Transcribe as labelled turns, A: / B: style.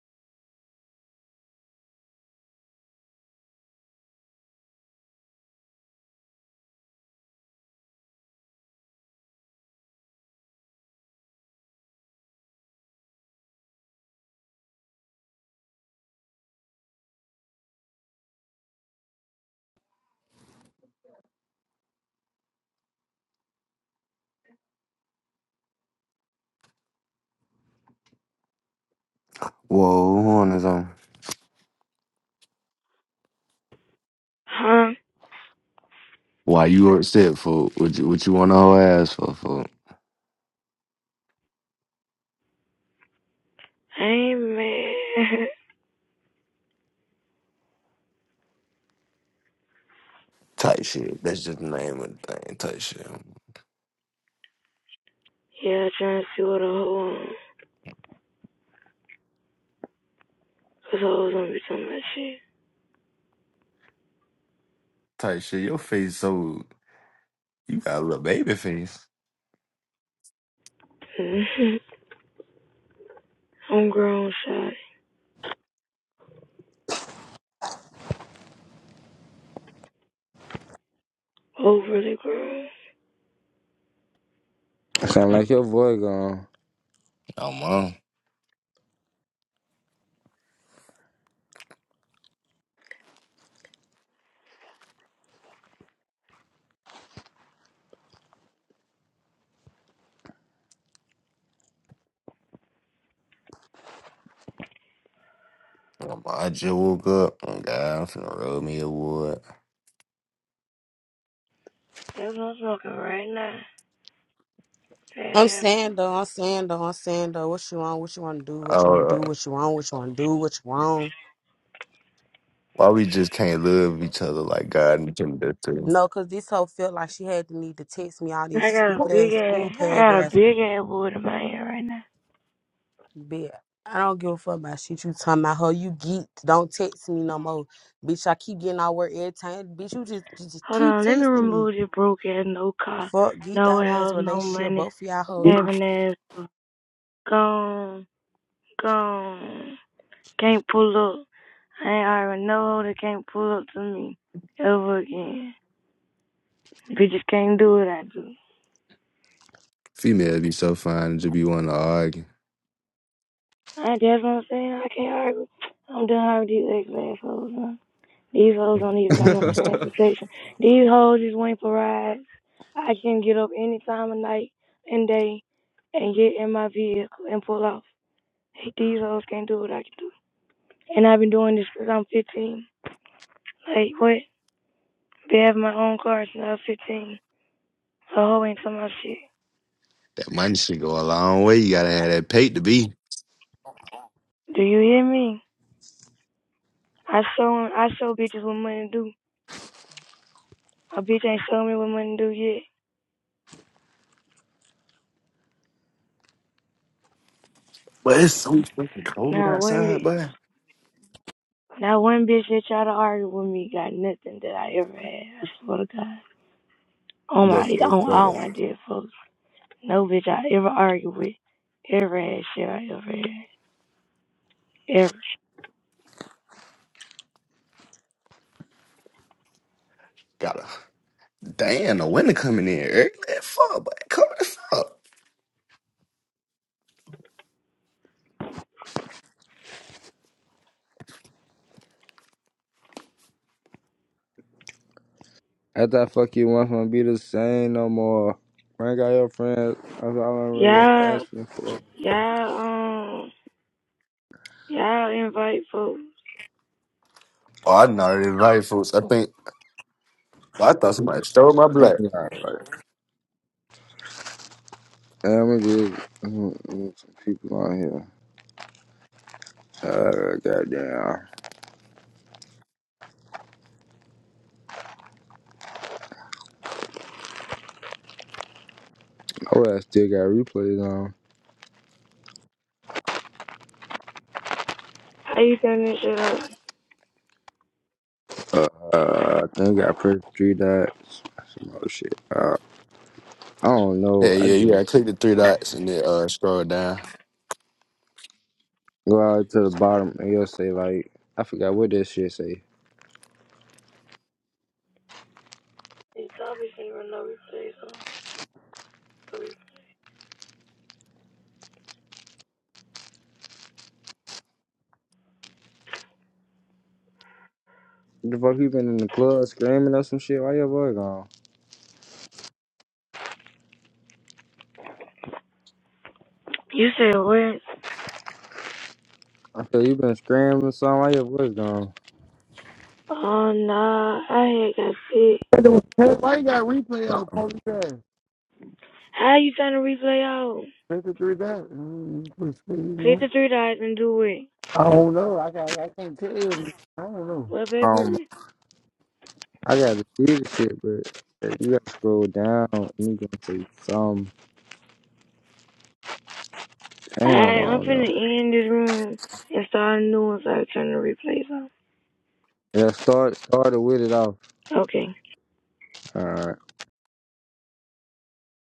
A: Whoa, who on his own?
B: Huh?
A: Why you upset, fool? What you, what you want to whole ass for, fool?
B: I ain't mad.
A: Tight shit. That's just the name of the thing. Tight shit.
B: yeah, trying to see what a hoe on. Cause hoes don't be talking about
A: Type shit, your face so... You got a little baby face.
B: shit. I'm grown, shawty. Overly grown.
C: I Sound like your boy gone.
A: I'm on. I'm, I just woke up. Oh, God, I'm finna rub me a wood.
B: That's what I'm smoking right now. Fat
D: I'm
B: ass.
D: saying though, I'm saying though, I'm saying though, what you want, what you want to do, what you want to
A: Oh,
D: do, what you want, what you want to do, what you want.
A: why we just can't love each other like God and can do too?
D: No, cause this hoe felt like she had the need to text me all these
B: I got a
D: stupid
B: big
D: ass school
B: ass. I got a
D: paragraphs.
B: big ass wood in my hand right now.
D: Bitch, I don't give a fuck about shit you talking about. Hoe, you geek. Don't text me no more, bitch. I keep getting all work every time. Bitch, you just just, just
B: Hold
D: keep
B: on, let me
D: texting me.
B: remove this broke ass no car,
D: Fuck, geek
B: no
D: that ass
B: house, no
D: relationship.
B: money,
D: Both of y'all hoes
B: having ass gone, gone. Can't pull up. I ain't hiring no hoe that can't pull up to me ever again. Bitches can't do what I do.
A: Female be so fine and just be wanting to argue.
B: I, that's what I'm saying. I can't argue. I'm done arguing with these ex hoes. Huh? These hoes don't even
C: That's
B: got no transportation. These hoes just went for rides. I can get up any time of night and day and get in my vehicle and pull off. Hey, These hoes can't do what I can do. And I've been doing this since I'm 15. Like, what? Been having my own car since I was 15. A hoe ain't talking about shit.
A: That money should go a long way. You gotta have that pay to be.
B: Do you hear me? I show I show bitches what money do. A bitch ain't show me what money do yet.
A: But it's so fucking cold
B: Not one
A: outside,
B: bitch.
A: boy.
B: Not one bitch that try to argue with me got nothing that I ever had. I swear to God. On my
C: it,
B: on all
C: Twitter.
B: my dead folks. No bitch I ever argued with. Ever had shit I ever had. Ever.
A: Got a damn the winter coming in early as fuck, but coming as fuck.
C: I thought fuck you want from be the same no more. Bring out your friends. That's all I'm really
B: Y'all
C: asking for.
B: y'all um y'all invite folks.
A: Oh, I not even right, folks. I think well, I thought somebody stole my
C: I'm
A: black.
C: alright. I'm gonna get mm, mm, some people on here. Uh, goddamn. Oh, I still got replays on.
B: How you turn this shit up?
C: Uh, I think I pressed three dots. Some other shit. Uh, I don't know.
A: Hey,
C: I
A: yeah, yeah.
C: just
A: Click the three dots and then uh scroll down.
C: go out to the bottom and you'll say like, I forgot what that shit say.
B: It's obviously no replay, so.
C: The fuck you been in the club screaming or some shit? Why your boy gone?
B: You said what?
C: I said you been screaming or something. Why your boy gone?
B: Oh nah, I had got sick.
E: Why you got replay on police ass?
B: How you trying to replay out?
E: 53 that? Mm, you
B: Click
E: know?
B: the three dots and do it.
E: I don't know. I, got, I can't tell. you. I don't know.
B: Well,
C: Um,
B: baby,
C: I gotta see the shit, but you gotta scroll down and you gonna say some.
B: I
C: Damn, I
B: I'm
C: don't know.
B: finna end this room and start a new one so I can turn the replays off.
C: Yeah, start started with it
B: Okay.
C: off.